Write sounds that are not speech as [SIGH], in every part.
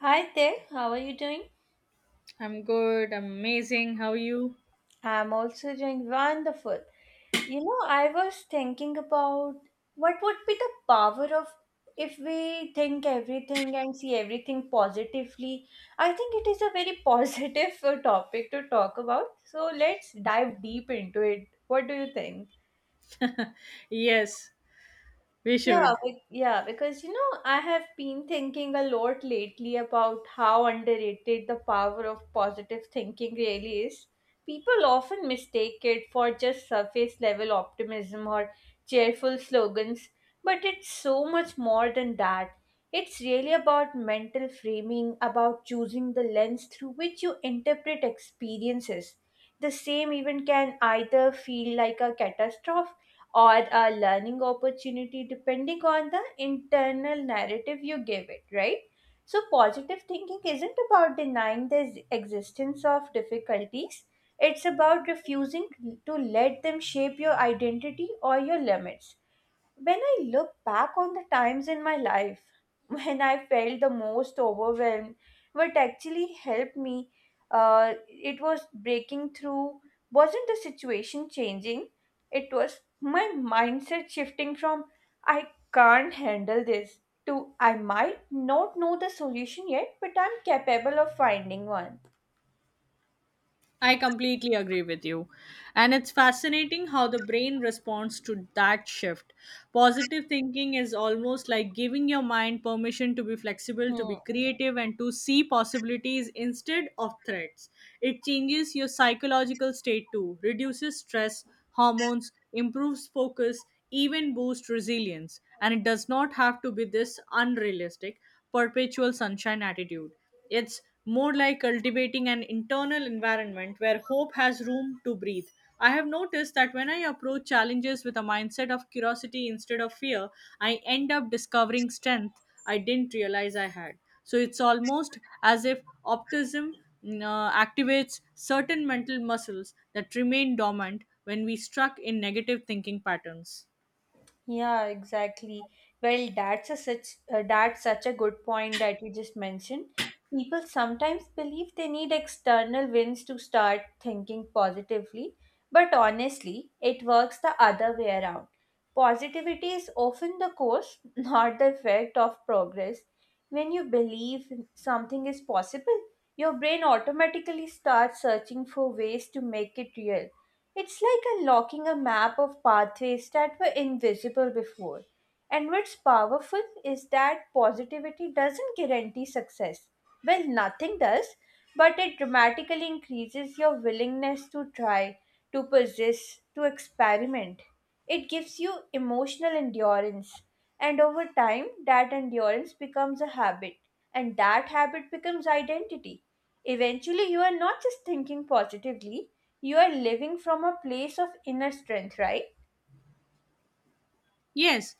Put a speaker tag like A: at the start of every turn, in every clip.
A: Hi there, how are you doing?
B: I'm good. I'm amazing. How are you?
A: I'm also doing wonderful. You know, I was thinking about what would be the power of if we think everything and see everything positively. I think it is a very positive [LAUGHS] topic to talk about. So let's dive deep into it. What do you think?
B: Yes, we
A: Yeah,
B: should.
A: be- yeah, because you know, I have been thinking a lot lately about how underrated the power of positive thinking really is. People often mistake it for just surface level optimism or cheerful slogans, but it's so much more than that. It's really about mental framing, about choosing the lens through which you interpret experiences. The same event can either feel like a catastrophe or a learning opportunity depending on the internal narrative you give it, right? So, positive thinking isn't about denying the existence of difficulties, it's about refusing to let them shape your identity or your limits. When I look back on the times in my life [LAUGHS] when I felt the most overwhelmed, what actually helped me, it was breaking through, wasn't the situation changing, it was my mindset shifting from I can't handle this to I might not know the solution yet, but I'm capable of finding one.
B: I completely agree with you. And it's fascinating how the brain responds to that shift. Positive thinking is almost like giving your mind permission to be flexible, to be
A: Hmm.
B: creative, and to see possibilities instead of threats. It changes your psychological state too, reduces stress, hormones, improves focus, even boosts resilience. And it does not have to be this unrealistic, perpetual sunshine attitude. It's more like cultivating an internal environment where hope has room to breathe. I have noticed that when I approach challenges with a mindset of curiosity instead of fear, I end up discovering strength I didn't realize I had. So it's almost as if optimism activates certain mental muscles that remain dormant when we stuck in negative thinking patterns.
A: Yeah, exactly. Well, that's such a good point that you just mentioned. People sometimes believe they need external wins to start thinking positively, but honestly, it works the other way around. Positivity is often the cause, [LAUGHS] not the effect of progress. When you believe something is possible, your brain automatically starts searching for ways to make it real. It's like unlocking a map of pathways that were invisible before. And what's powerful is that positivity doesn't guarantee success. Well, nothing does, but it dramatically increases your willingness to try, to persist, to experiment. It gives you emotional endurance, and over time, that endurance becomes a habit, and that habit becomes identity. Eventually, you are not just thinking positively, you are living from a place of inner strength, right?
B: Yes,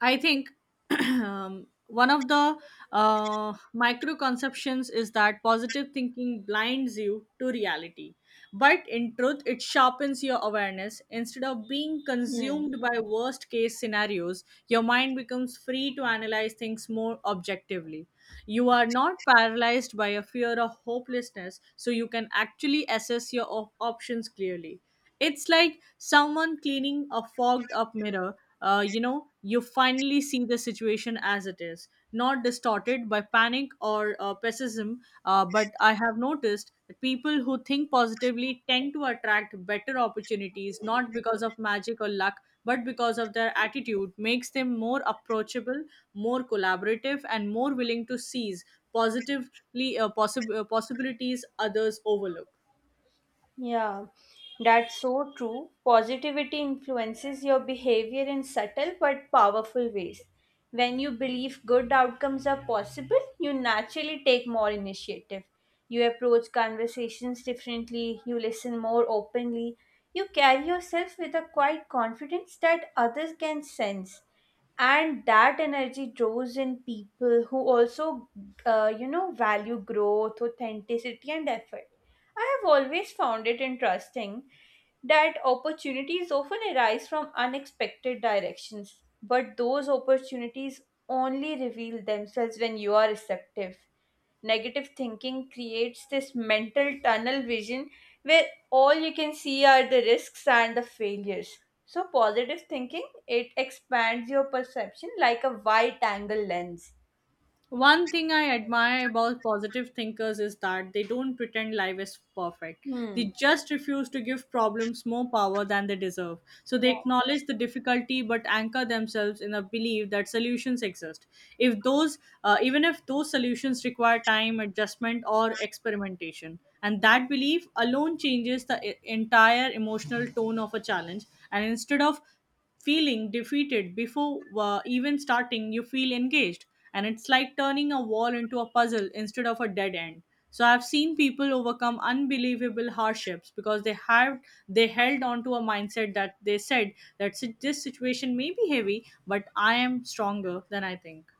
B: I think [CLEARS THROAT] one of the micro conceptions is that positive thinking blinds you to reality. But in truth, it sharpens your awareness. Instead of being
A: Hmm.
B: consumed by worst case scenarios, your mind becomes free to analyze things more objectively. You are not paralyzed by a fear of hopelessness, so you can actually assess your options clearly. It's like someone cleaning a fogged up mirror. You finally see the situation as it is, not distorted by panic or pessimism. But I have noticed that people who think positively tend to attract better opportunities, not because of magic or luck, but because of their attitude makes them more approachable, more collaborative, and more willing to seize positively possibilities others overlook.
A: Yeah, that's so true. Positivity influences your behavior in subtle but powerful ways. When you believe good outcomes are possible, you naturally take more initiative. You approach conversations differently, you listen more openly, you carry yourself with a quiet confidence that others can sense, and that energy draws in people who also you know, value growth, authenticity, and effort. I have always found it interesting that opportunities often arise from unexpected directions, but those opportunities only reveal themselves when you are receptive. Negative thinking creates this mental tunnel vision where all you can see are the risks and the failures. So positive thinking, it expands your perception like a wide angle lens.
B: One thing I admire about positive thinkers is that they don't pretend life is perfect. They
A: Hmm.
B: just refuse to give problems more power than they deserve. So they
A: Yeah.
B: acknowledge the difficulty but anchor themselves in a belief that solutions exist. If those even if those solutions require time, adjustment or experimentation. And that belief alone changes the entire emotional tone of a challenge, and instead of feeling defeated before even starting you feel engaged, and it's like turning a wall into a puzzle instead of a dead end. So I've seen people overcome unbelievable hardships because they held on to a mindset that they said that This situation may be heavy but I am stronger than I think."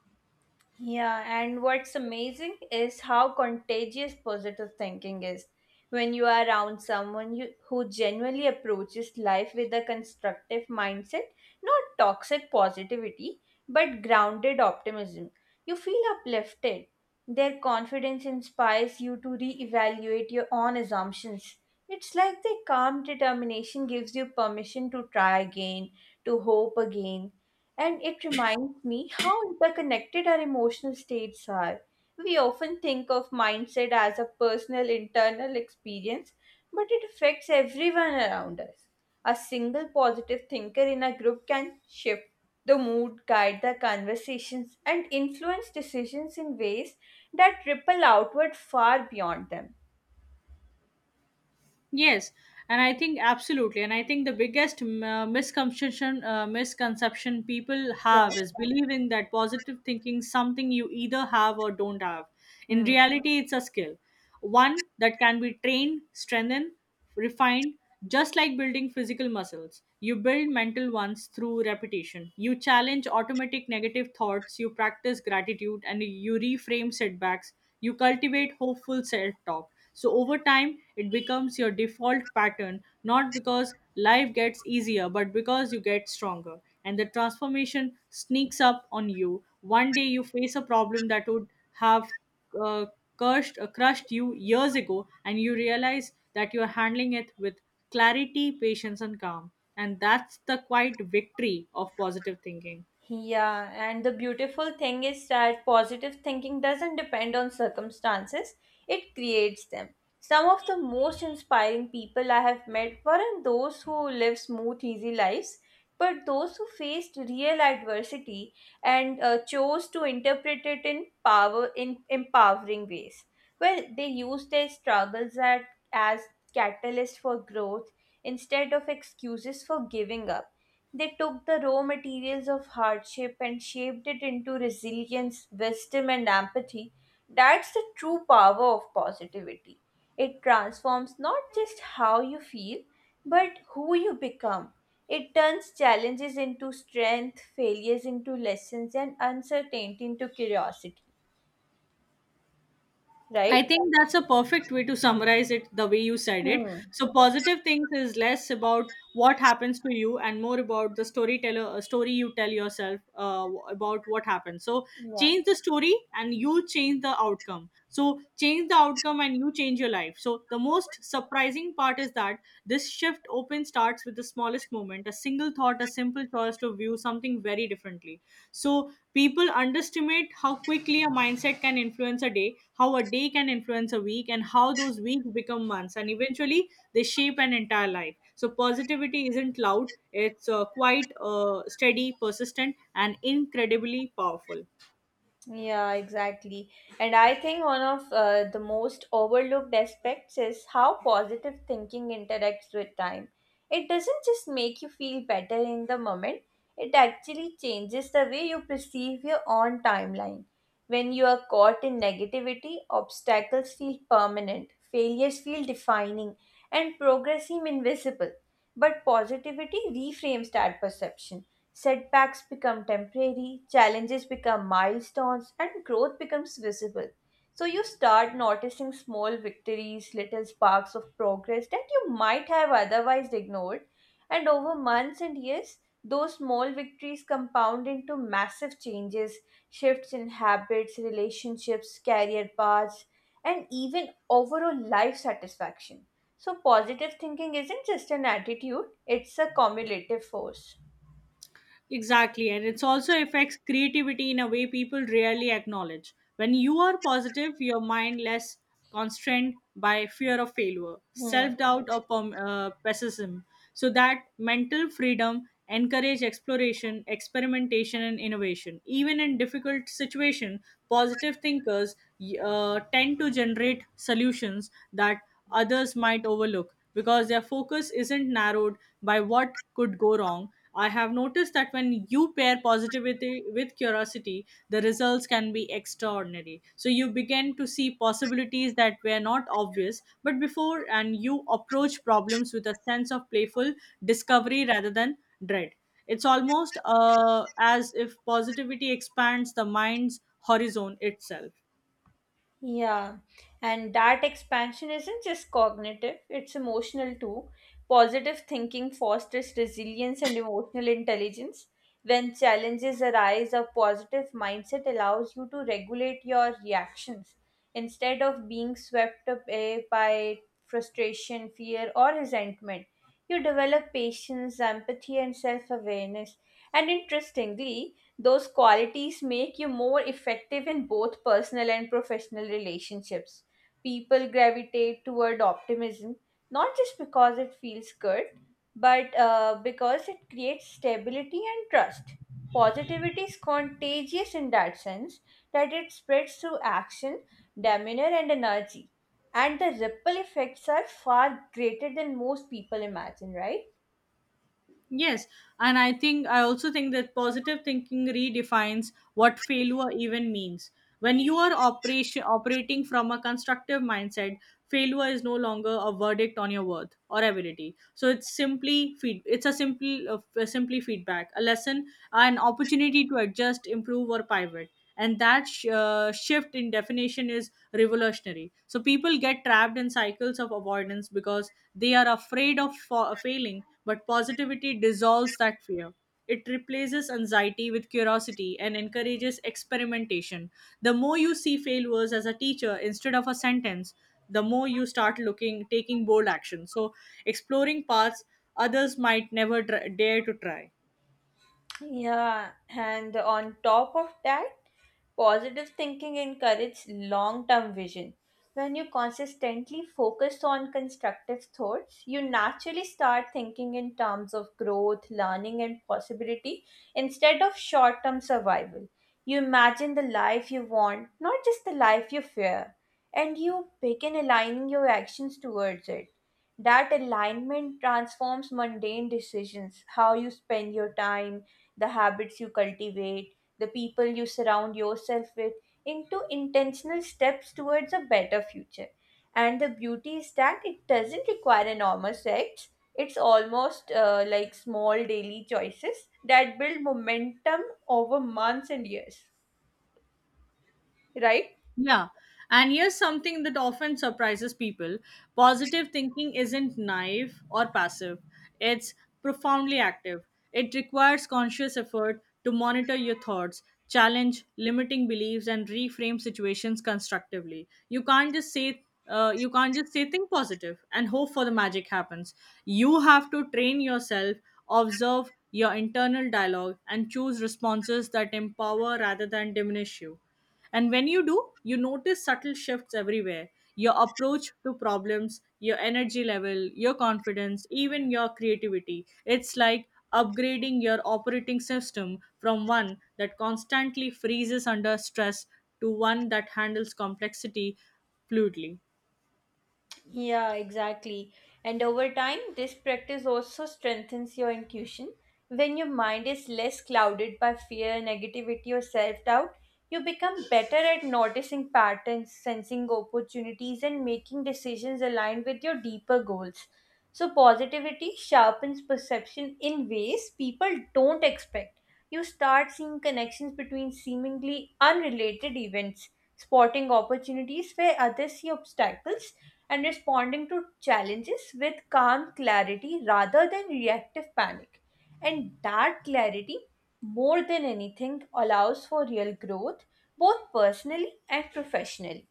A: Yeah, and what's amazing is how contagious positive thinking is. When you are around someone who genuinely approaches life with a constructive mindset, not toxic positivity, but grounded optimism, you feel uplifted. Their confidence inspires you to reevaluate your own assumptions. It's like their calm determination gives you permission to try again, to hope again, and it reminds me how interconnected our emotional states are. We often think of mindset as a personal internal experience, but it affects everyone around us. A single positive thinker in a group can shift the mood, guide the conversations, and influence decisions in ways that ripple outward far beyond them.
B: Yes, and I think absolutely, and I think the biggest misconception people
A: Yeah.
B: have is believing that positive thinking is something you either have or don't have. In
A: Hmm.
B: reality, it's a skill, one that can be trained, strengthened, refined just like building physical muscles. You build mental ones through repetition. You challenge automatic negative thoughts, you practice gratitude, and you reframe setbacks. You cultivate hopeful self talk, so over time it becomes your default pattern, not because life gets easier but because you get stronger. And the transformation sneaks up on you. One day you face a problem that would have uh, crushed you years ago, and you realize that you are handling it with clarity, patience, and calm. And that's the quiet victory of positive thinking.
A: Yeah, and the beautiful thing is that positive thinking doesn't depend on circumstances, it creates them. Some of the most inspiring people I have met weren't those who live smooth, easy lives, but those who faced real adversity and chose to interpret it in empowering ways. Well, they used their struggles as catalysts for growth instead of excuses for giving up. They took the raw materials of hardship and shaped it into resilience, wisdom, and empathy. That's the true power of positivity. It transforms not just how you feel, but who you become. It turns challenges into strength, failures into lessons, and uncertainty into curiosity.
B: I
A: Right?
B: think that's a perfect way to summarize it the way you said it.
A: Hmm.
B: So positive things is less about what happens to you and more about the story you tell yourself about what happened. So
A: Yeah.
B: change the story and you change the outcome. So change the outcome and you change your life. So the most surprising part is that this shift open starts with the smallest moment, a single thought, a simple choice to view something very differently. So people underestimate how quickly a mindset can influence a day, how a day can influence a week, and how those weeks become months. And eventually, they shape an entire life. So, positivity isn't loud, it's quite steady, persistent, and incredibly powerful.
A: Yeah, exactly. And I think one of the most overlooked aspects is how positive thinking interacts with time. It doesn't just make you feel better in the moment, it actually changes the way you perceive your own timeline. When you are caught in negativity, obstacles feel permanent, failures feel defining, and progress seem invisible. But positivity reframes that perception. Setbacks become temporary, challenges become milestones, and growth becomes visible. So you start noticing small victories, little sparks of progress that you might have otherwise ignored. And over months and years, those small victories compound into massive changes, shifts in habits, relationships, career paths, and even overall life satisfaction. So, positive thinking isn't just an attitude, it's a cumulative force.
B: Exactly, and it's also affects creativity in a way people rarely acknowledge. When you are positive, your mind less constrained by fear of failure,
A: Hmm.
B: self doubt, or pessimism. So that mental freedom encourage exploration, experimentation, and innovation. Even in difficult situation, positive thinkers tend to generate solutions that others might overlook because their focus isn't narrowed by what could go wrong. I have noticed that when you pair positivity with curiosity, the results can be extraordinary. So you begin to see possibilities that were not obvious, but before, and you approach problems with a sense of playful discovery rather than dread. It's almost as if positivity expands the mind's horizon itself.
A: Yeah, and that expansion isn't just cognitive, it's emotional too. Positive thinking fosters resilience and emotional intelligence. When challenges arise, a positive mindset allows you to regulate your reactions instead of being swept away by frustration, fear, or resentment. You develop patience, empathy, and self awareness. And interestingly, those qualities make you more effective in both personal and professional relationships. People gravitate toward optimism not just because it feels good, but because it creates stability and trust. Positivity is contagious in that sense that it spreads through action, demeanor, and energy. And the ripple effects are far greater than most people imagine, right?
B: Yes, and I think I also think that positive thinking redefines what failure even means. When you are operation operating from a constructive mindset, failure is no longer a verdict on your worth or ability. So it's simply feed. It's a simple, simply feedback, a lesson, an opportunity to adjust, improve, or pivot. And that shift in definition is revolutionary. So people get trapped in cycles of avoidance because they are afraid of failing, but positivity dissolves that fear. It replaces anxiety with curiosity and encourages experimentation. The more you see failures as a teacher instead of a sentence, the more you start looking, taking bold action. So, exploring paths others might never dare to try.
A: Yeah, and on top of that, positive thinking encourages long term vision. When you consistently focus on constructive thoughts, you naturally start thinking in terms of growth, learning, and possibility instead of short term survival. You imagine the life you want, not just the life you fear, and you begin aligning your actions towards it. That alignment transforms mundane decisions, how you spend your time, the habits you cultivate, the people you surround yourself with, into intentional steps towards a better future. And the beauty is that it doesn't require enormous acts, it's almost like small daily choices that build momentum over months and years, right?
B: Yeah. And here's something that often surprises people: positive thinking isn't naive or passive, it's profoundly active. It requires conscious effort to monitor your thoughts, challenge limiting beliefs, and reframe situations constructively. You can't just say think positive and hope for the magic happens. You have to train yourself, observe your internal dialogue, and choose responses that empower rather than diminish you. And when you do, you notice subtle shifts everywhere: your approach to problems, your energy level, your confidence, even your creativity. It's like upgrading your operating system from one that constantly freezes under stress to one that handles complexity fluidly.
A: Yeah, exactly. And over time, this practice also strengthens your intuition. When your mind is less clouded by fear, negativity, or self doubt, you become better at noticing patterns, sensing opportunities, and making decisions aligned with your deeper goals. So, positivity sharpens perception in ways people don't expect. You start seeing connections between seemingly unrelated events, spotting opportunities where others see obstacles, and responding to challenges with calm clarity rather than reactive panic. And that clarity, more than anything, allows for real growth, both personally and professionally.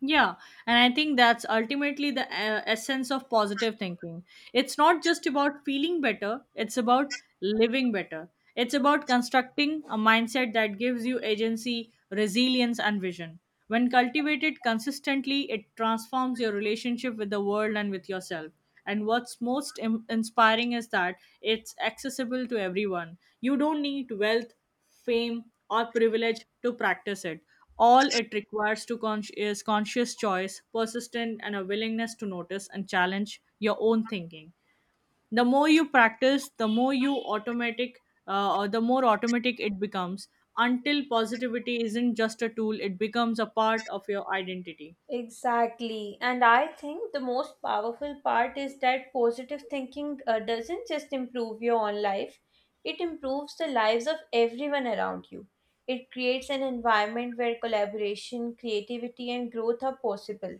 B: Yeah, and I think that's ultimately the essence of positive thinking. It's not just about feeling better, it's about living better. It's about constructing a mindset that gives you agency, resilience, and vision. When cultivated consistently, it transforms your relationship with the world and with yourself. And what's most inspiring is that it's accessible to everyone. You don't need wealth, fame, or privilege to practice it. All it requires is conscious choice, persistence, and a willingness to notice and challenge your own thinking. The more you practice, the more you automatic, or the more automatic it becomes. Until positivity isn't just a tool, it becomes a part of your identity.
A: Exactly. And I think the most powerful part is that positive thinking doesn't just improve your own life, it improves the lives of everyone around you. It creates an environment where collaboration, creativity, and growth are possible.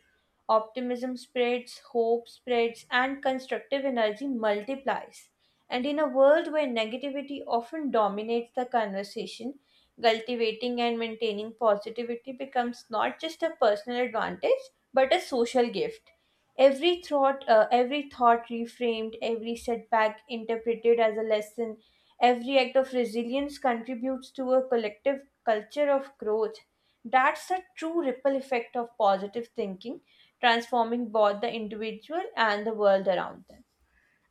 A: Optimism spreads, hope spreads, and constructive energy multiplies. And in a world where negativity often dominates the conversation, cultivating and maintaining positivity becomes not just a personal advantage, but a social gift. Every thought reframed, every setback interpreted as a lesson, every act of resilience contributes to a collective culture of growth. That's the true ripple effect of positive thinking, transforming both the individual and the world around them.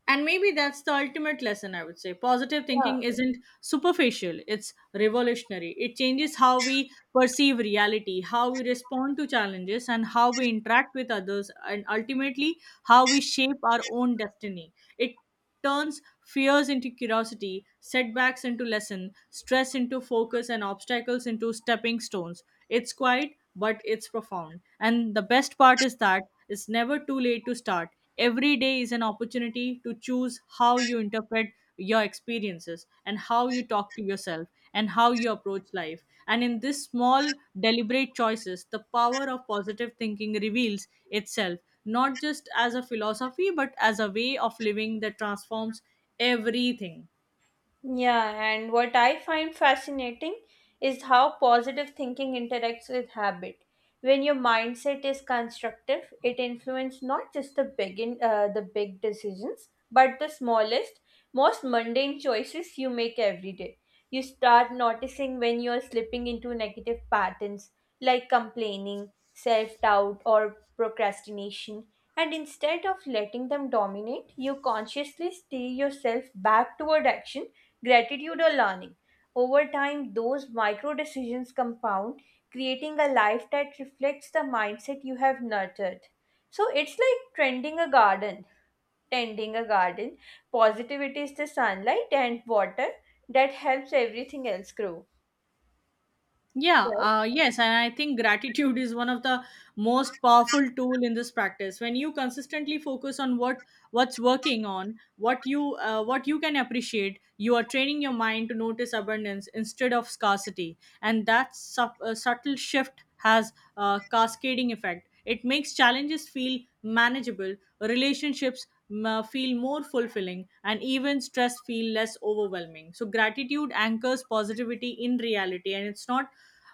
B: And maybe that's the ultimate lesson, I would say. Positive
A: Yeah.
B: thinking isn't superficial, it's revolutionary. It changes how we perceive reality, how we respond to challenges, and how we interact with others, and ultimately, how we shape our own destiny. It turns fears into curiosity, setbacks into lesson, stress into focus, and obstacles into stepping stones. It's quiet, but it's profound. And the best part is that it's never too late to start. Every day is an opportunity to choose how you interpret your experiences and how you talk to yourself and how you approach life, and in this small deliberate choices the power of positive thinking reveals itself not just as a philosophy but as a way of living that transforms everything.
A: Yeah, and what I find fascinating is how positive thinking interacts with habit. When your mindset is constructive, it influences not just the the big decisions, but the smallest, most mundane choices you make every day. You start noticing when you are slipping into negative patterns like complaining, self-doubt, or procrastination, and instead of letting them dominate, you consciously steer yourself back toward action, gratitude, or learning. Over time, those micro decisions compound, creating a life that reflects the mindset you have nurtured. So it's like tending a garden. Positivity is the sunlight and water that helps everything else grow.
B: Yeah,
A: Right?
B: yes, and I think gratitude is one of the most powerful tool in this practice. When you consistently focus on what what's working on, what you can appreciate, you are training your mind to notice abundance instead of scarcity, and that subtle shift has a cascading effect. It makes challenges feel manageable, relationships feel more fulfilling, and even stress feel less overwhelming. So, gratitude anchors positivity in reality, and it's not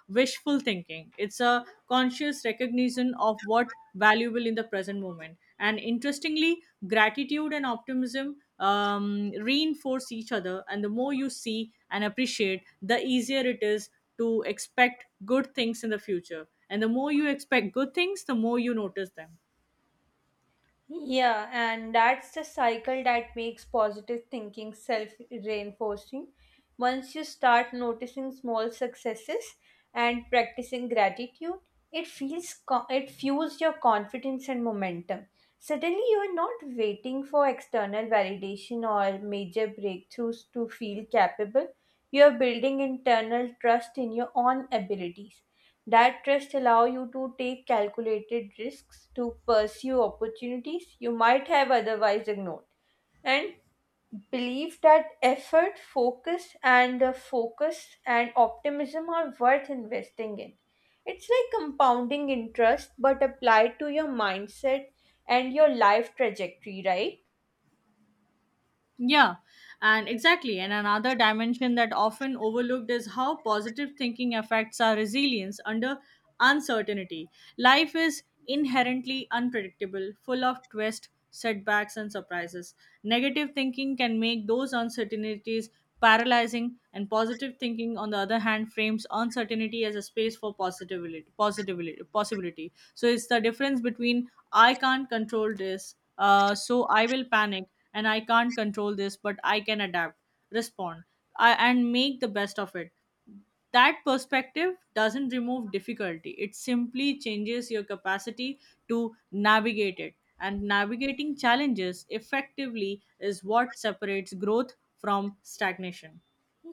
B: wishful thinking. It's a conscious recognition of what valuable in the present moment. And interestingly, gratitude and optimism reinforce each other. And the more you see and appreciate, the easier it is to expect good things in the future. And the more you expect good things, the more you notice them.
A: Yeah, and that's the cycle that makes positive thinking self reinforcing. Once you start noticing small successes and practicing gratitude, it fuels your confidence and momentum. Suddenly, you are not waiting for external validation or major breakthroughs to feel capable. You are building internal trust in your own abilities. That trust allow you to take calculated risks, to pursue opportunities you might have otherwise ignored. And believe that effort, focus, and optimism are worth investing in. It's like compounding interest but applied to your mindset and your life trajectory, right?
B: Yeah, and exactly. And another dimension that often overlooked is how positive thinking affects our resilience under uncertainty. Life is inherently unpredictable, full of twists, setbacks, and surprises. Negative thinking can make those uncertainties paralyzing, and positive thinking, on the other hand, frames uncertainty as a space for possibility. So it's the difference between "I can't control this so I will panic" and "I can't control this, but I can adapt, respond, and make the best of it." That perspective doesn't remove difficulty, it simply changes your capacity to navigate it. And navigating challenges effectively is what separates growth from stagnation.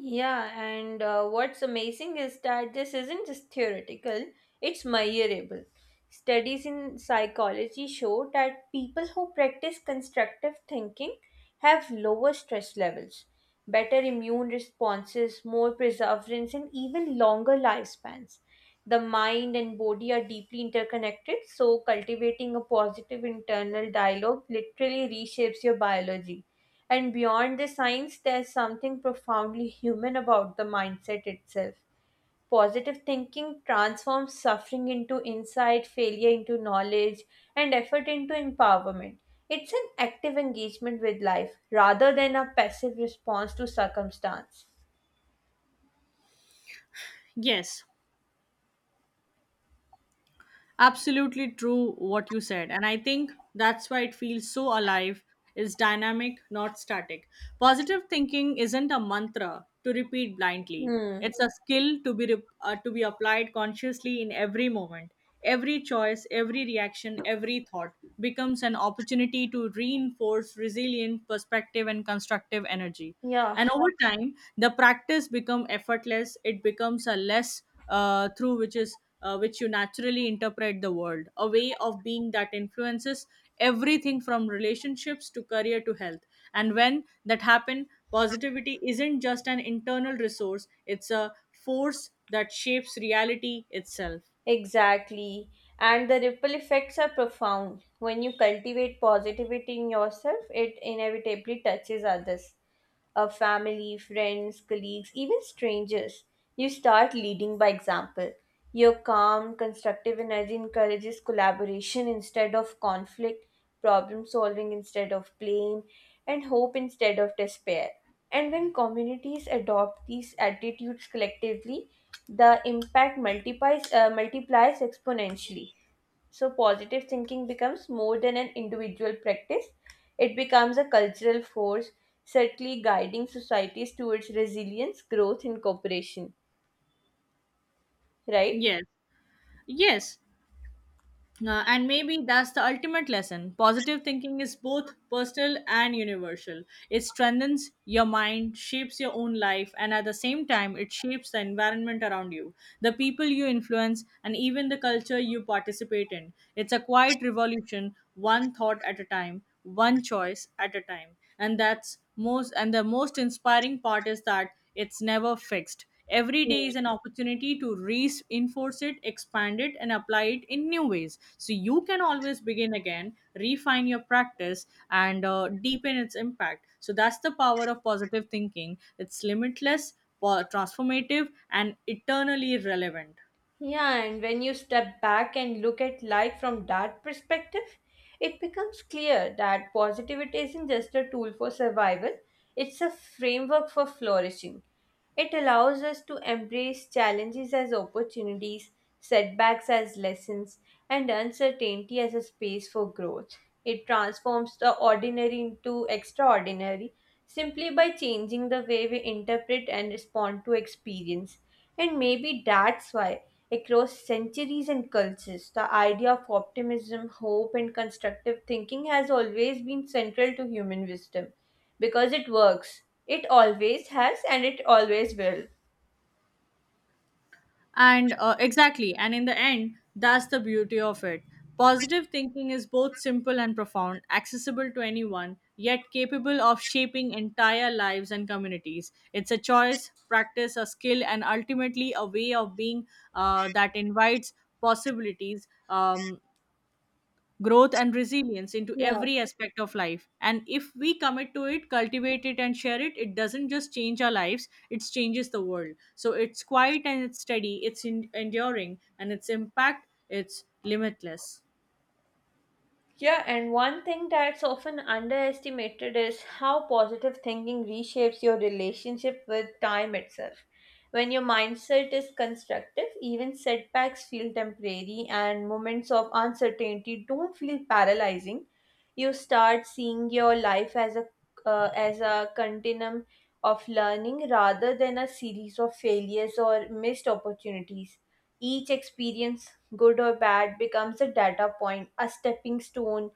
A: Yeah, and what's amazing is that this isn't just theoretical, it's measurable. Studies in psychology show that people who practice constructive thinking have lower stress levels, better immune responses, more perseverance, and even longer lifespans. The mind and body are deeply interconnected, so cultivating a positive internal dialogue literally reshapes your biology. And beyond the science, there's something profoundly human about the mindset itself. Positive thinking transforms suffering into insight, failure into knowledge, and effort into empowerment. It's an active engagement with life rather than a passive response to circumstance.
B: Yes, absolutely true what you said. And I think that's why it feels so alive. It's dynamic, not static. Positive thinking isn't a mantra to repeat blindly.
A: Hmm.
B: It's a skill to be to be applied consciously in every moment. Every choice, every reaction, every thought becomes an opportunity to reinforce resilient perspective and constructive energy.
A: Yeah,
B: And over time, the practice becomes effortless. It becomes a less through which is which you naturally interpret the world, a way of being that influences everything from relationships to career to health. And when that happen, positivity isn't just an internal resource, it's a force that shapes reality itself.
A: exactly. And the ripple effects are profound. When you cultivate positivity in yourself, it inevitably touches others. Family, friends, colleagues, even strangers. You start leading by example. Your calm, constructive energy encourages collaboration instead of conflict, problem solving instead of blame, and hope instead of despair. And when communities adopt these attitudes collectively, the impact multiplies, multiplies exponentially. So, positive thinking becomes more than an individual practice, it becomes a cultural force, certainly guiding societies towards resilience, growth, and cooperation. Right?
B: Yes, yes. And maybe that's the ultimate lesson. Positive thinking is both personal and universal. It strengthens your mind, shapes your own life, and at the same time, it shapes the environment around you, the people you influence, and even the culture you participate in. It's a quiet revolution, one thought at a time, one choice at a time. And that's most and the most inspiring part is that it's never fixed. Every
A: Yeah.
B: day is an opportunity to reinforce it, expand it, and apply it in new ways. So you can always begin again, refine your practice, and deepen its impact. So that's the power of positive thinking. It's limitless, transformative, and eternally relevant.
A: Yeah, and when you step back and look at life from that perspective, it becomes clear that positivity isn't just a tool for survival, it's a framework for flourishing. It allows us to embrace challenges as opportunities, setbacks as lessons, and uncertainty as a space for growth. It transforms the ordinary into extraordinary simply by changing the way we interpret and respond to experience. And maybe that's why, across centuries and cultures, the idea of optimism, hope, and constructive thinking has always been central to human wisdom because it works. It always has and it always will.
B: And exactly, and in the end, that's the beauty of it. Positive thinking is both simple and profound, accessible to anyone, yet capable of shaping entire lives and communities. It's a choice, practice, a skill, and ultimately a way of being that invites possibilities. Growth and resilience into
A: Yeah.
B: every aspect of life. And if we commit to it, cultivate it, and share it, it doesn't just change our lives, it changes the world. So it's quiet, and it's steady, it's enduring, and its impact, it's limitless.
A: Yeah, and one thing that's often underestimated is how positive thinking reshapes your relationship with time itself. When your mindset is constructive, even setbacks feel temporary and moments of uncertainty don't feel paralyzing. You start seeing your life as a continuum of learning rather than a series of failures or missed opportunities. Each experience, good or bad, becomes a data point, a stepping stone,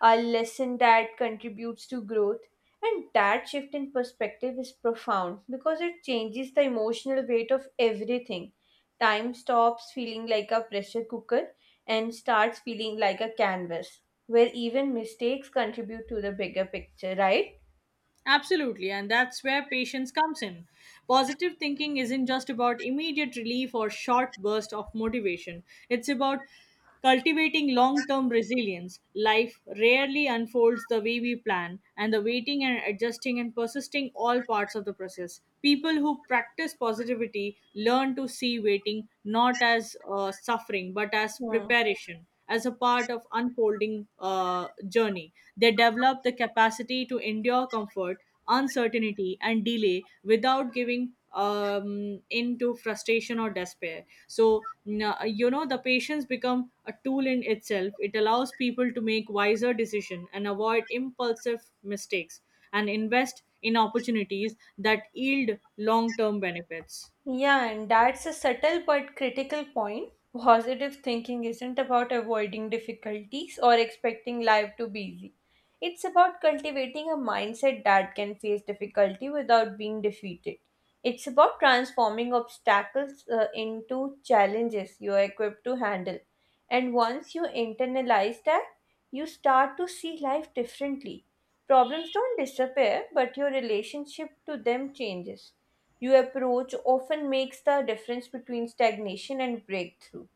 A: a lesson that contributes to growth. And that shift in perspective is profound because it changes the emotional weight of everything. Time stops feeling like a pressure cooker and starts feeling like a canvas where even mistakes contribute to the bigger picture, right?
B: Absolutely, and that's where patience comes in. Positive thinking isn't just about immediate relief or short burst of motivation. It's about cultivating long-term resilience. Life rarely unfolds the way we plan, and the waiting and adjusting and persisting all parts of the process. People who practice positivity learn to see waiting not as suffering, but as
A: Hmm.
B: preparation, as a part of unfolding journey. They develop the capacity to endure comfort, uncertainty, and delay without giving into frustration or despair. So you know the patience become a tool in itself. It allows people to make wiser decision and avoid impulsive mistakes, and invest in opportunities that yield long-term benefits.
A: Yeah, and that's a subtle but critical point. Positive thinking isn't about avoiding difficulties or expecting life to be easy. It's about cultivating a mindset that can face difficulty without being defeated. It's about transforming obstacles into challenges you are equipped to handle. And once you internalize that, you start to see life differently. Problems don't disappear, but your relationship to them changes. Your approach often makes the difference between stagnation and breakthrough,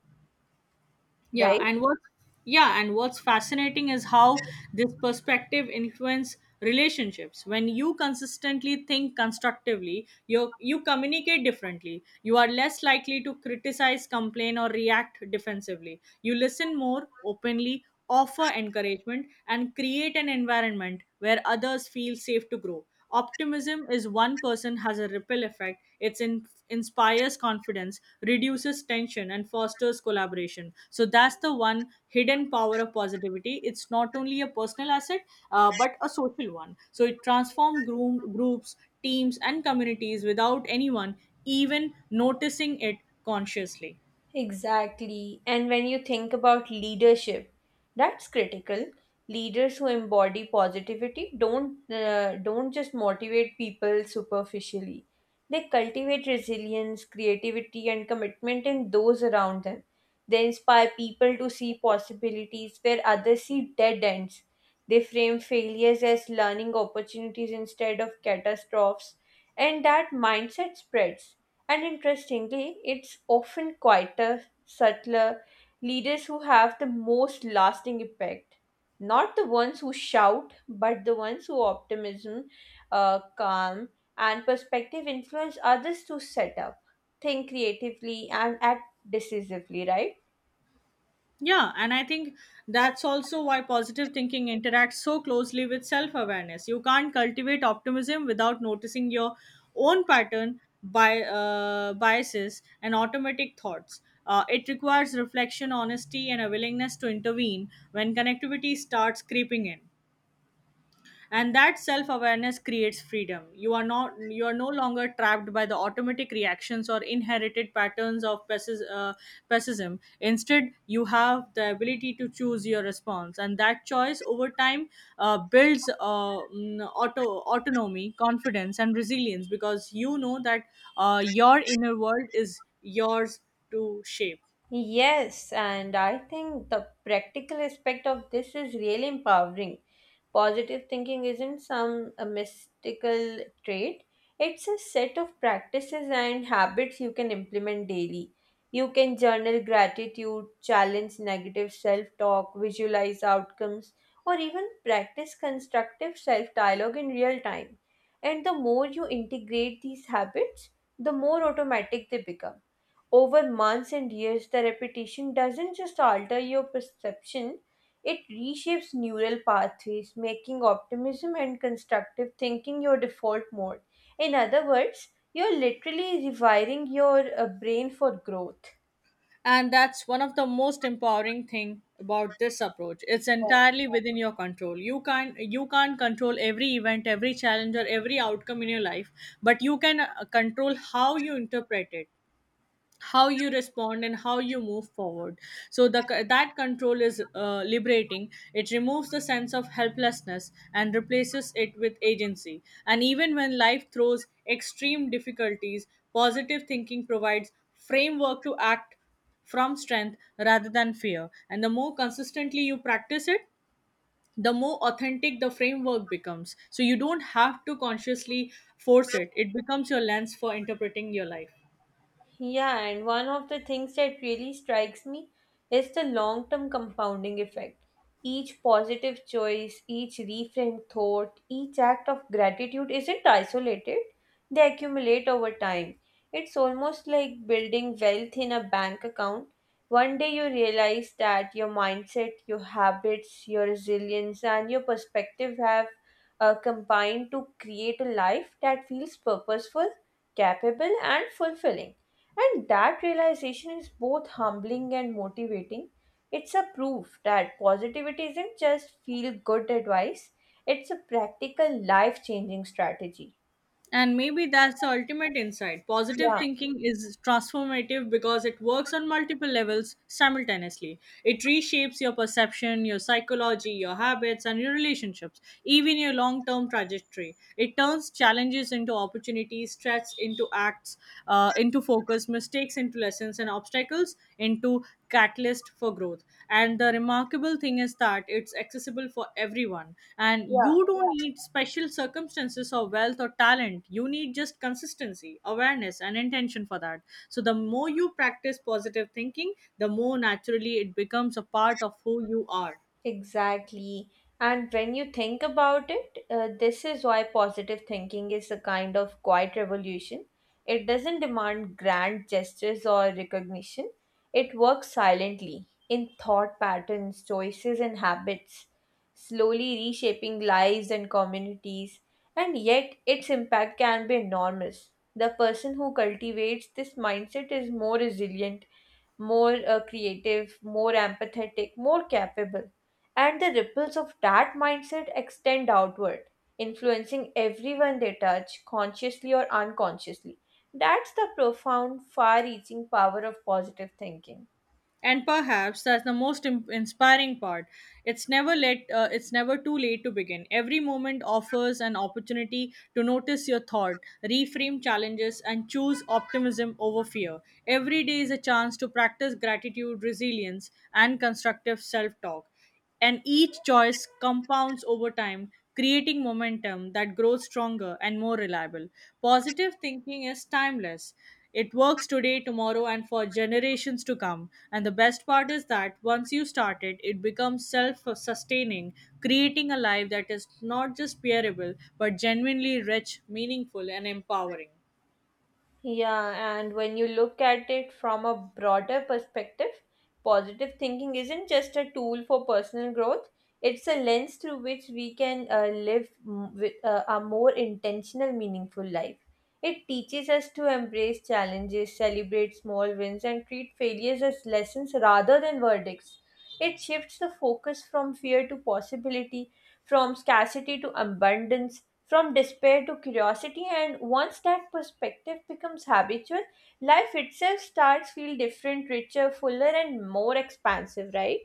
B: Yeah,
A: right?
B: and what yeah, and what's fascinating is how this perspective influence relationships. When you consistently think constructively, you communicate differently. You are less likely to criticize, complain, or react defensively. You listen more openly, offer encouragement, and create an environment where others feel safe to grow. Optimism is one person has a ripple effect. It inspires confidence, reduces tension, and fosters collaboration. So that's the one hidden power of positivity. It's not only a personal asset, but a social one. So it transforms groups, teams, and communities without anyone even noticing it consciously.
A: Exactly. And when you think about leadership, that's critical. Leaders who embody positivity don't just motivate people superficially. They cultivate resilience, creativity, and commitment in those around them. They inspire people to see possibilities where others see dead ends. They frame failures as learning opportunities instead of catastrophes, and that mindset spreads. And interestingly, it's often quieter, subtler leaders who have the most lasting impact. Not the ones who shout, but the ones who optimism, calm, and perspective influence others to set up, think creatively, and act decisively, right?
B: Yeah, and I think that's also why positive thinking interacts so closely with self awareness. You can't cultivate optimism without noticing your own pattern, biases, and automatic thoughts. It requires reflection, honesty, and a willingness to intervene when connectivity starts creeping in. And that self-awareness creates freedom. You are no longer trapped by the automatic reactions or inherited patterns of pessimism. Instead, you have the ability to choose your response, and that choice over time builds autonomy, confidence, and resilience, because you know that your inner world is yours to shape.
A: Yes, and I think the practical aspect of this is really empowering. Positive thinking isn't some a mystical trait, it's a set of practices and habits you can implement daily. You can journal gratitude, challenge negative self talk, visualize outcomes, or even practice constructive self dialogue in real time. And the more you integrate these habits, the more automatic they become. Over months and years, the repetition doesn't just alter your perception, it reshapes neural pathways, making optimism and constructive thinking your default mode. In other words, you're literally rewiring your brain for growth.
B: And that's one of the most empowering thing about this approach. It's
A: Yeah.
B: entirely within your control. You can't control every event, every challenge or every outcome in your life, but you can control how you interpret it, how you respond, and how you move forward. So the that control is liberating. It removes the sense of helplessness and replaces it with agency. And even when life throws extreme difficulties, positive thinking provides framework to act from strength rather than fear. And the more consistently you practice it, the more authentic the framework becomes, so you don't have to consciously force it. It becomes your lens for interpreting your life.
A: Yeah, and one of the things that really strikes me is the long term compounding effect. Each positive choice, each reframed thought, each act of gratitude isn't isolated, they accumulate over time. It's almost like building wealth in a bank account. One day you realize that your mindset, your habits, your resilience, and your perspective have combined to create a life that feels purposeful, capable, and fulfilling. And that realization is both humbling and motivating. It's a proof that positivity isn't just feel good advice, it's a practical life changing strategy.
B: And maybe that's the ultimate insight. Positive
A: Yeah,
B: thinking is transformative because it works on multiple levels simultaneously. It reshapes your perception, your psychology, your habits, and your relationships, even your long term trajectory. It turns challenges into opportunities, stress into acts, into focus, mistakes into lessons, limitations and obstacles into catalyst for growth. And the remarkable thing is that it's accessible for everyone, and
A: yeah.
B: you don't need special circumstances or wealth or talent. You need just consistency, awareness, and intention for that. So the more you practice positive thinking, the more naturally it becomes a part of who you are.
A: Exactly. And when you think about it, this is why positive thinking is a kind of quiet revolution. It doesn't demand grand gestures or recognition, it works silently in thought patterns, choices, and habits, slowly reshaping lives and communities. And yet, its impact can be enormous. The person who cultivates this mindset is more resilient, more creative, more empathetic, more capable. And the ripples of that mindset extend outward, influencing everyone they touch, consciously or unconsciously. That's the profound, far reaching power of positive thinking.
B: And perhaps that's the most inspiring part. It's never too late to begin. Every moment offers an opportunity to notice your thought, reframe challenges, and choose optimism over fear. Every day is a chance to practice gratitude, resilience, and constructive self talk. And each choice compounds over time, creating momentum that grows stronger and more reliable. Positive thinking is timeless. It works today, tomorrow, and for generations to come. And the best part is that once you start it, it becomes self sustaining, creating a life that is not just bearable but genuinely rich, meaningful, and empowering.
A: Yeah, and when you look at it from a broader perspective, positive thinking isn't just a tool for personal growth, it's a lens through which we can live with a more intentional, meaningful life. It teaches us to embrace challenges, celebrate small wins, and treat failures as lessons rather than verdicts. It shifts the focus from fear to possibility, from scarcity to abundance, from despair to curiosity. And once that perspective becomes habitual, life itself starts feel different, richer, fuller, and more expansive, right?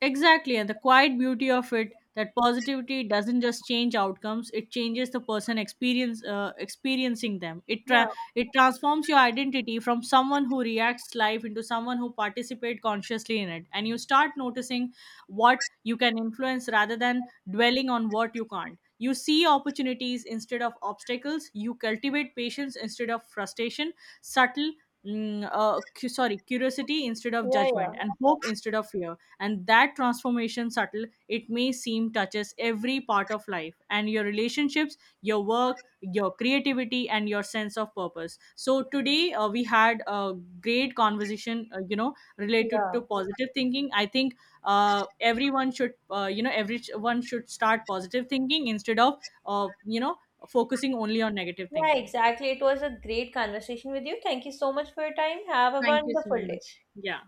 B: Exactly, and the quiet beauty of it that positivity doesn't just change outcomes; it changes the person experience experiencing them.
A: Yeah,
B: It transforms your identity from someone who reacts life into someone who participates consciously in it, and you start noticing what you can influence rather than dwelling on what you can't. You see opportunities instead of obstacles. You cultivate patience instead of frustration. Subtle. Curiosity instead of
A: yeah, yeah,
B: judgment, and hope instead of fear. And that transformation subtle it may seem touches every part of life and your relationships, your work, your creativity, and your sense of purpose. So today, we had a great conversation, related
A: yeah,
B: to positive thinking. I think everyone should, everyone should start positive thinking instead of, uh, you know focusing only on negative
A: yeah,
B: thinking.
A: exactly. It was a great conversation with you. Thank you so much for your time. Have a
B: Thank you so
A: wonderful day.
B: much. Yeah.